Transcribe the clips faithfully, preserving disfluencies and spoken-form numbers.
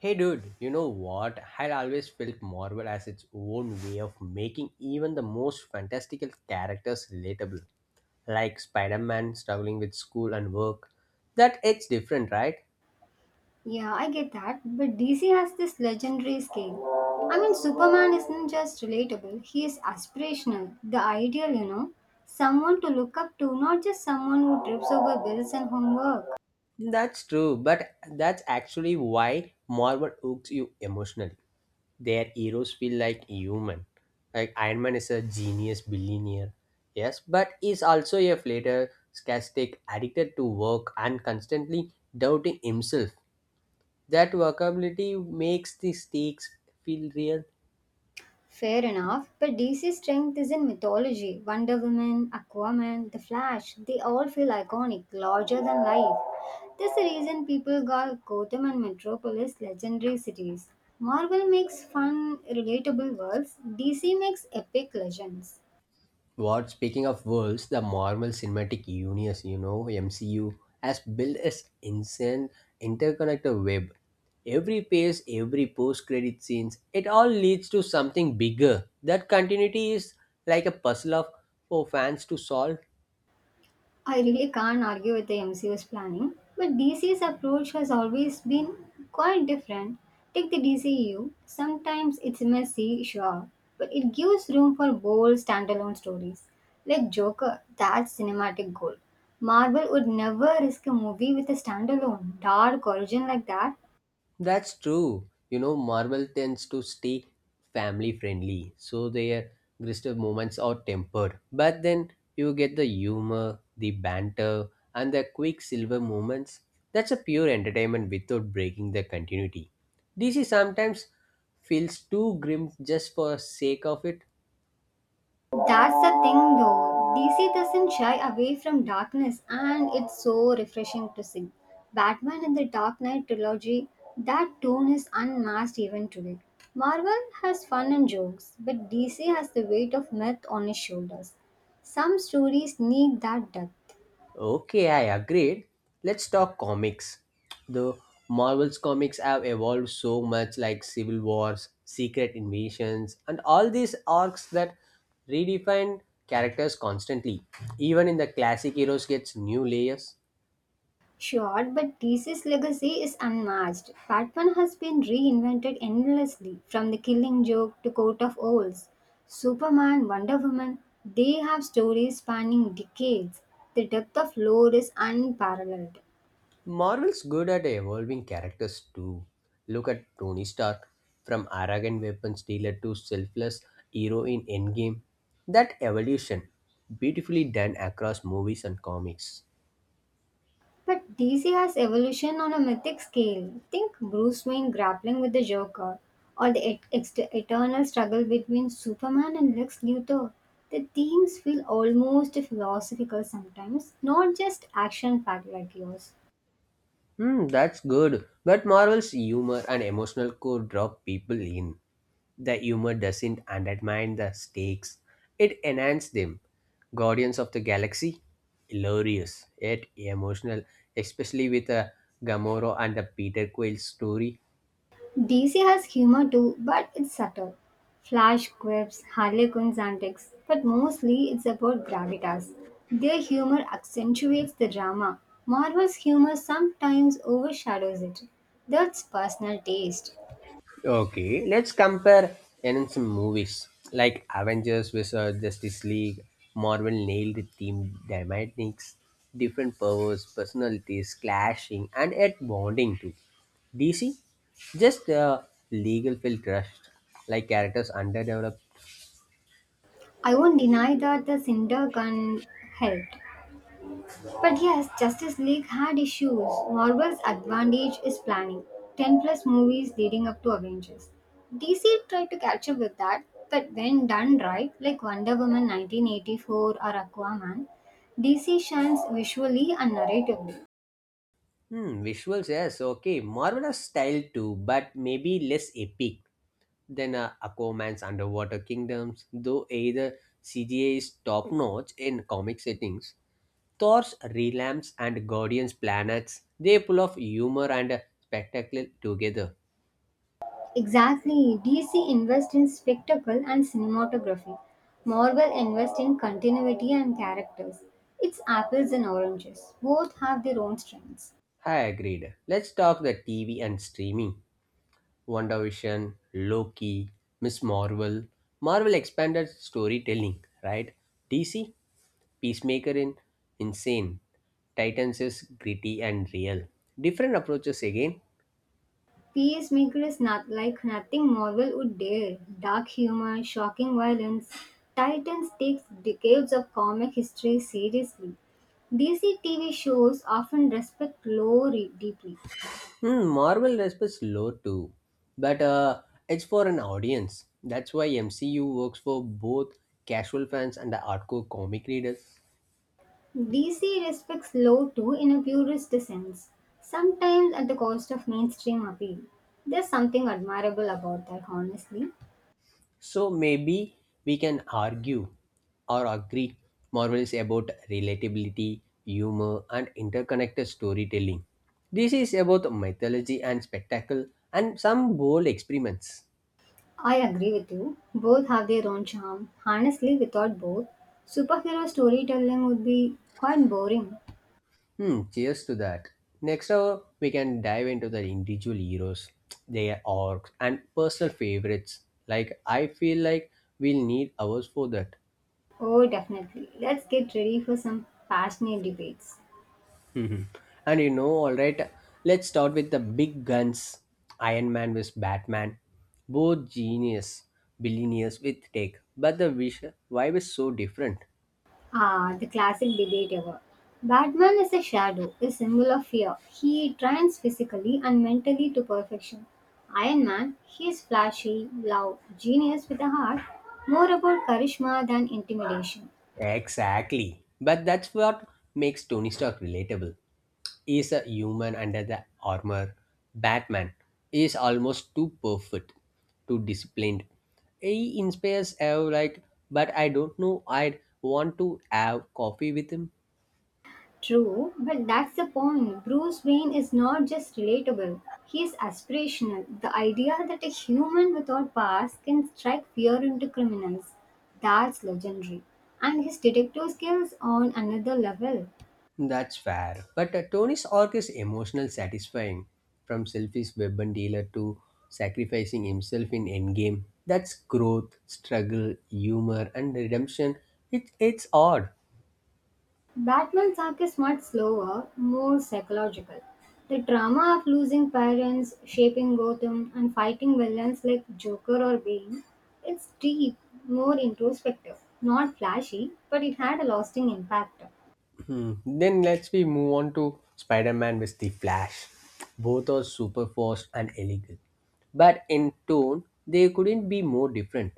Hey dude, you know what? I'd always felt Marvel as its own way of making even the most fantastical characters relatable. Like Spider Man struggling with school and work. That it's different, right? Yeah, I get that, but D C has this legendary scale. I mean, Superman isn't just relatable, he is aspirational, the ideal, you know. Someone to look up to, not just someone who trips over bills and homework. That's true, but that's actually why Marvel hooks you emotionally. Their heroes feel like human. Like Iron Man is a genius billionaire, yes, but he's also a flatter, sarcastic, addicted to work, and constantly doubting himself. That workability makes the stakes feel real. Fair enough, but D C's strength is in mythology. Wonder Woman, Aquaman, The Flash, they all feel iconic, larger than life. That's the reason people call Gotham and Metropolis legendary cities. Marvel makes fun, relatable worlds, D C makes epic legends. What speaking of worlds, the Marvel Cinematic Universe, you know, M C U, has built its insane interconnected web. Every page, every post-credit scenes, it all leads to something bigger. That continuity is like a puzzle of for fans to solve. I really can't argue with the M C U's planning, but D C's approach has always been quite different. Take the D C U, sometimes it's messy, sure, but it gives room for bold standalone stories. Like Joker, that's cinematic gold. Marvel would never risk a movie with a standalone, dark origin like that. That's true. You know, Marvel tends to stay family friendly, so their gristful moments are tempered. But then you get the humor, the banter, and the quick silver moments. That's a pure entertainment without breaking the continuity. D C sometimes feels too grim just for sake of it. That's the thing though. D C doesn't shy away from darkness and it's so refreshing to see. Batman and the Dark Knight trilogy, that tone is unmatched even today. Marvel has fun and jokes, but D C has the weight of myth on its shoulders. Some stories need that depth. Okay, I agreed. Let's talk comics. The Marvel's comics have evolved so much, like Civil Wars, Secret Invasions, and all these arcs that redefine characters constantly. Even in the classic heroes gets new layers. Sure, but D C's legacy is unmatched. Batman has been reinvented endlessly, from the killing joke to Court of Owls. Superman, Wonder Woman, they have stories spanning decades. The depth of lore is unparalleled. Marvel's good at evolving characters too. Look at Tony Stark, from arrogant weapons dealer to selfless hero in Endgame. That evolution, beautifully done across movies and comics. But D C has evolution on a mythic scale. Think Bruce Wayne grappling with the Joker, or the et- ex- eternal struggle between Superman and Lex Luthor. The themes feel almost philosophical sometimes, not just action packed like yours. Hmm, that's good. But Marvel's humor and emotional core draw people in. The humor doesn't undermine the stakes, it enhances them. Guardians of the Galaxy, hilarious yet emotional, especially with uh, Gamora and the Peter Quill story. D C has humor too, but it's subtle. Flash quips, Harlequin's antics, but mostly it's about gravitas. Their humor accentuates the drama. Marvel's humor sometimes overshadows it. That's personal taste. Okay, let's compare in some movies like Avengers with uh, Justice League. Marvel nailed the theme dynamics, different powers, personalities clashing, and yet bonding too. D C, just uh, legal feel rushed, like characters underdeveloped. I won't deny that the Cinder can help, but yes, Justice League had issues. Marvel's advantage is planning ten plus movies leading up to Avengers. D C tried to catch up with that, but when done right, like Wonder Woman nineteen eighty-four or Aquaman, D C shines visually and narratively. Hmm, visuals, yes, okay. Marvel has style too, but maybe less epic than uh, Aquaman's Underwater Kingdoms, though either C G I is top notch in comic settings. Thor's relamps and Guardian's planets, they pull off humor and spectacle together. Exactly, D C invests in spectacle and cinematography. Marvel invests in continuity and characters. It's apples and oranges. Both have their own strengths. I agreed. Let's talk the T V and streaming. WandaVision, Loki, Miss Marvel. Marvel expanded storytelling, right? D C, Peacemaker in Insane. Titans is gritty and real. Different approaches again. Peacemaker is not like nothing Marvel would dare. Dark humor, shocking violence. Titans takes decades of comic history seriously. D C T V shows often respect lore re- deeply. Hmm, Marvel respects low too, but uh, it's for an audience. That's why M C U works for both casual fans and the hardcore comic readers. D C respects lore too in a purist sense, sometimes at the cost of mainstream appeal. There's something admirable about that, honestly. So maybe we can argue or agree Marvel is about relatability, humor, and interconnected storytelling. This is about mythology and spectacle and some bold experiments. I agree with you. Both have their own charm. Honestly, without both, superhero storytelling would be quite boring. Hmm, cheers to that. Next hour, we can dive into the individual heroes, their arcs, and personal favorites. Like, I feel like we'll need hours for that. Oh, definitely. Let's get ready for some passionate debates. Mhm. And you know, alright, let's start with the big guns Iron Man versus. Batman. Both genius, billionaires with tech, but the vis- vibe is so different. Ah, the classic debate ever. Batman is a shadow, a symbol of fear. He trains physically and mentally to perfection. Iron Man, he is flashy, loud, genius with a heart, more about charisma than intimidation. Exactly. But that's what makes Tony Stark relatable. He's a human under the armor. Batman is almost too perfect, too disciplined. He inspires Ev like, but I don't know I'd want to have coffee with him. True, but that's the point. Bruce Wayne is not just relatable, he is aspirational. The idea that a human without past can strike fear into criminals, that's legendary. And his detective skills on another level. That's fair. But uh, Tony's arc is emotional satisfying. From selfish weapon dealer to sacrificing himself in Endgame. That's growth, struggle, humor, and redemption. It, it's odd. Batman's arc is much slower, more psychological. The drama of losing parents, shaping Gotham, and fighting villains like Joker or Bane, it's deep, more introspective. Not flashy, but it had a lasting impact. Hmm. Then let's we move on to Spider-Man with the Flash. Both are super fast and elegant, but in tone they couldn't be more different.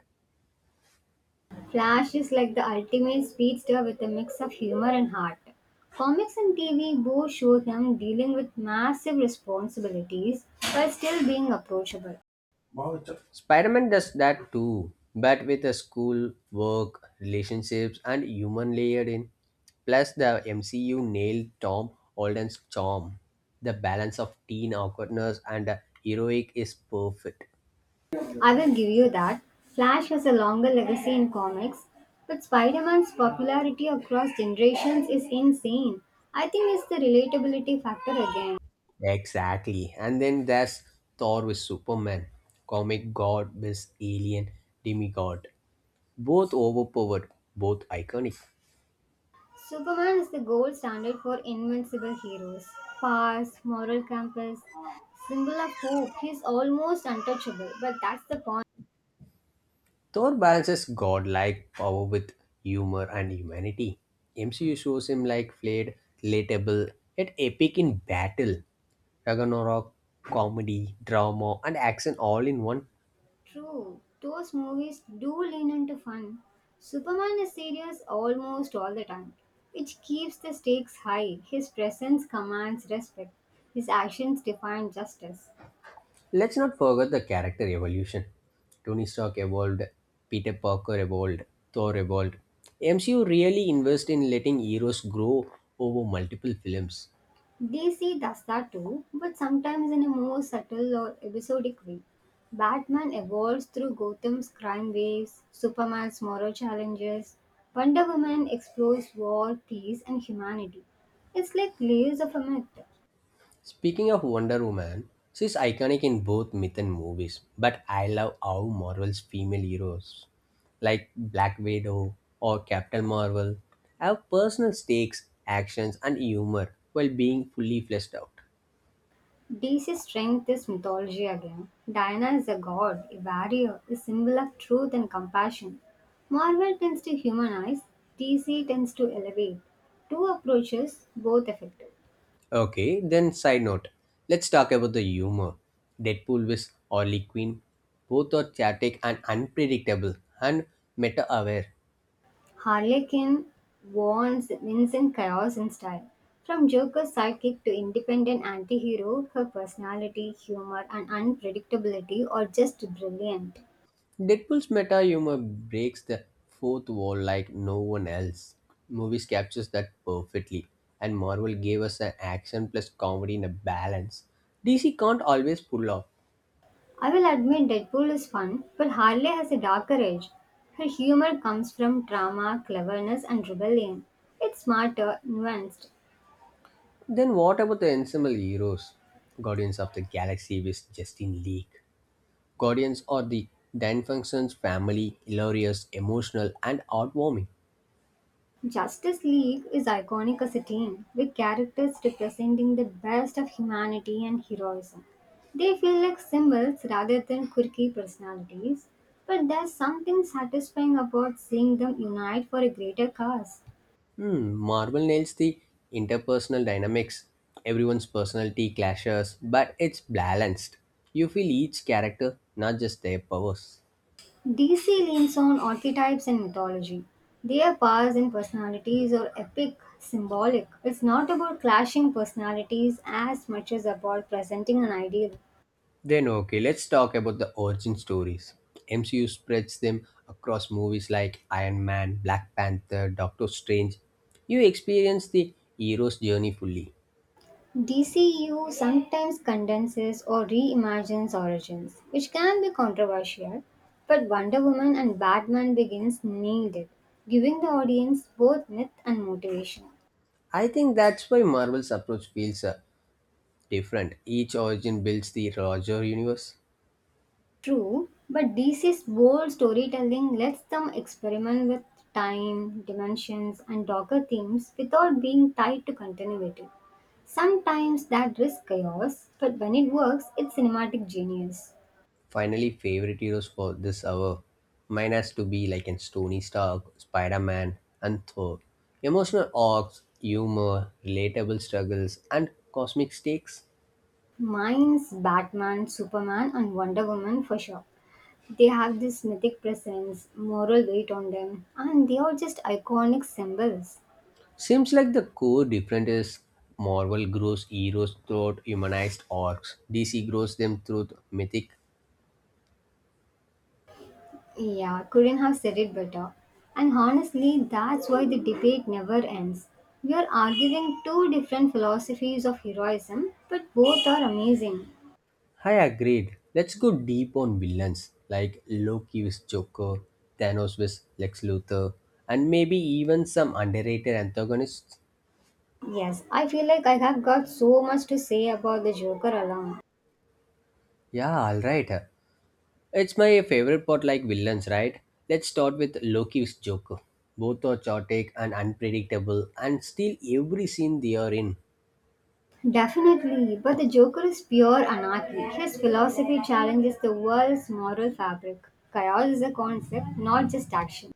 Flash is like the ultimate speedster with a mix of humor and heart. Comics and T V both show him dealing with massive responsibilities while still being approachable. Spider-Man does that too, but with a school, work, relationships, and human layered in. Plus, the M C U nailed Tom Holland's charm. The balance of teen awkwardness and the heroic is perfect. I will give you that. Flash has a longer legacy in comics, but Spider Man's popularity across generations is insane. I think it's the relatability factor again. Exactly. And then there's Thor with Superman, comic god with alien demigod. Both overpowered, both iconic. Superman is the gold standard for invincible heroes. Powers, moral compass, symbol of hope. He's almost untouchable, but that's the point. Thor balances godlike power with humor and humanity. M C U shows him like flayed, relatable, yet epic in battle. Ragnarok, comedy, drama, and action all in one. True, those movies do lean into fun. Superman is serious almost all the time, which keeps the stakes high. His presence commands respect, his actions define justice. Let's not forget the character evolution. Tony Stark evolved, Peter Parker evolved, Thor evolved. M C U really invests in letting heroes grow over multiple films. D C does that too, but sometimes in a more subtle or episodic way. Batman evolves through Gotham's crime waves, Superman's moral challenges, Wonder Woman explores war, peace, and humanity. It's like layers of a myth. Speaking of Wonder Woman, she's iconic in both myth and movies, but I love how Marvel's female heroes, like Black Widow or Captain Marvel, have personal stakes, actions, and humor while being fully fleshed out. D C's strength is mythology again. Diana is a god, a warrior, a symbol of truth and compassion. Marvel tends to humanize, D C tends to elevate. Two approaches, both effective. Okay, then side note. Let's talk about the humor. Deadpool with Harley Quinn. Both are chaotic and unpredictable and meta aware. Harlequin warns Vincent chaos in style. From Joker's sidekick to independent anti-hero, her personality, humor and unpredictability are just brilliant. Deadpool's meta humor breaks the fourth wall like no one else. Movies captures that perfectly. And Marvel gave us an action plus comedy in a balance. D C can't always pull off. I will admit Deadpool is fun, but Harley has a darker edge. Her humor comes from trauma, cleverness and rebellion. It's smarter, nuanced. Then what about the ensemble heroes? Guardians of the Galaxy with Justin League. Guardians are the Danfunctions family, hilarious, emotional, and heartwarming. Justice League is iconic as a team, with characters representing the best of humanity and heroism. They feel like symbols rather than quirky personalities, but there's something satisfying about seeing them unite for a greater cause. Hmm, Marvel nails the interpersonal dynamics. Everyone's personality clashes, but it's balanced. You feel each character, not just their powers. D C leans on archetypes and mythology. Their powers and personalities are epic, symbolic. It's not about clashing personalities as much as about presenting an ideal. Then, okay, let's talk about the origin stories. M C U spreads them across movies like Iron Man, Black Panther, Doctor Strange. You experience the hero's journey fully. D C U sometimes condenses or reimagines origins, which can be controversial, but Wonder Woman and Batman Begins nailed it, giving the audience both myth and motivation. I think that's why Marvel's approach feels uh, different. Each origin builds the larger universe. True, but D C's bold storytelling lets them experiment with time, dimensions, and darker themes without being tied to continuity. Sometimes that risks chaos, but when it works, it's cinematic genius. Finally, favorite heroes for this hour. Mine has to be like in Tony Stark, Spider Man, and Thor. Emotional arcs, humor, relatable struggles, and cosmic stakes. Mine's Batman, Superman, and Wonder Woman for sure. They have this mythic presence, moral weight on them, and they are just iconic symbols. Seems like the core difference is Marvel grows heroes through humanized arcs, D C grows them through mythic. Yeah, couldn't have said it better. And honestly, that's why the debate never ends. We are arguing two different philosophies of heroism, but both are amazing. I agreed. Let's go deep on villains like Loki with Joker, Thanos with Lex Luthor, and maybe even some underrated antagonists. Yes, I feel like I have got so much to say about the Joker alone. Yeah, alright. It's my favorite part like villains, right? Let's start with Loki with Joker. Both are chaotic and unpredictable and steal every scene they are in. Definitely, but the Joker is pure anarchy. His philosophy challenges the world's moral fabric. Chaos is a concept, not just action.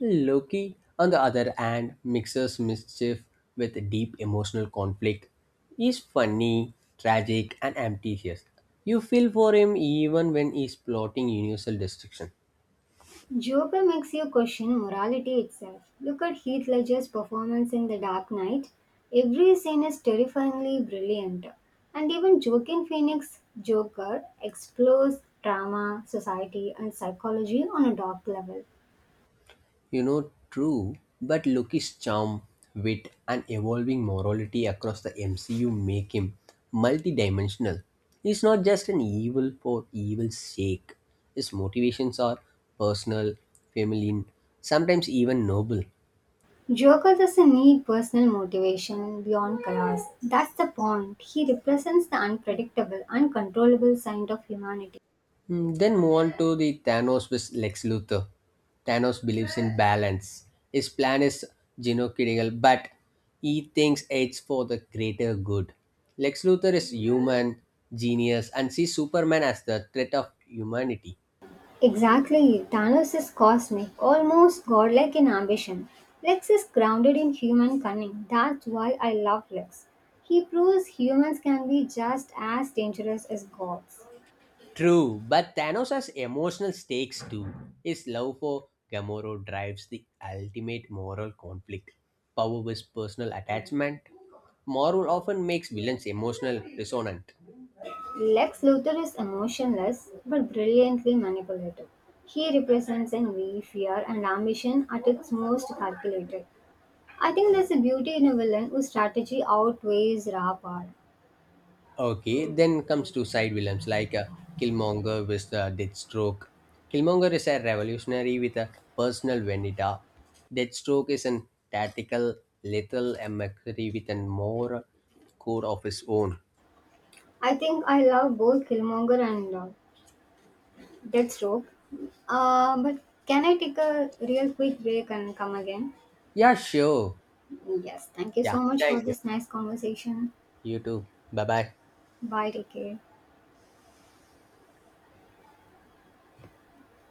Loki, on the other hand, mixes mischief with deep emotional conflict. He's funny, tragic, and ambitious. You feel for him even when he's plotting universal destruction. Joker makes you question morality itself. Look at Heath Ledger's performance in The Dark Knight. Every scene is terrifyingly brilliant. And even Joaquin Phoenix's Joker explores drama, society, and psychology on a dark level. You know, true, but Loki's charm, wit, and evolving morality across the M C U make him multidimensional. He's not just an evil for evil's sake. His motivations are personal, feminine, sometimes even noble. Joker doesn't need personal motivation beyond chaos. That's the point. He represents the unpredictable, uncontrollable side of humanity. Mm, then move on to the Thanos with Lex Luthor. Thanos believes in balance. His plan is genocidal, but he thinks it's for the greater good. Lex Luthor is human, genius, and sees Superman as the threat of humanity. Exactly. Thanos is cosmic, almost godlike in ambition. Lex is grounded in human cunning. That's why I love Lex. He proves humans can be just as dangerous as gods. True, but Thanos has emotional stakes too. His love for Gamora drives the ultimate moral conflict. Power with personal attachment. Marvel often makes villains emotional dissonant. Lex Luthor is emotionless but brilliantly manipulative. He represents envy, fear, and ambition at its most calculated. I think there's a beauty in a villain whose strategy outweighs raw power. Okay, then comes to side villains like uh, Killmonger with uh, Deathstroke. Killmonger is a revolutionary with a personal vendetta. Deathstroke is an tactical, lethal mercenary with a moral code of his own. I think I love both Killmonger and uh, Deathstroke. Uh, but can I take a real quick break and come again? Yeah, sure. Yes, thank you Yeah, so much for thank you. this nice conversation. You too. Bye bye. Bye, take care.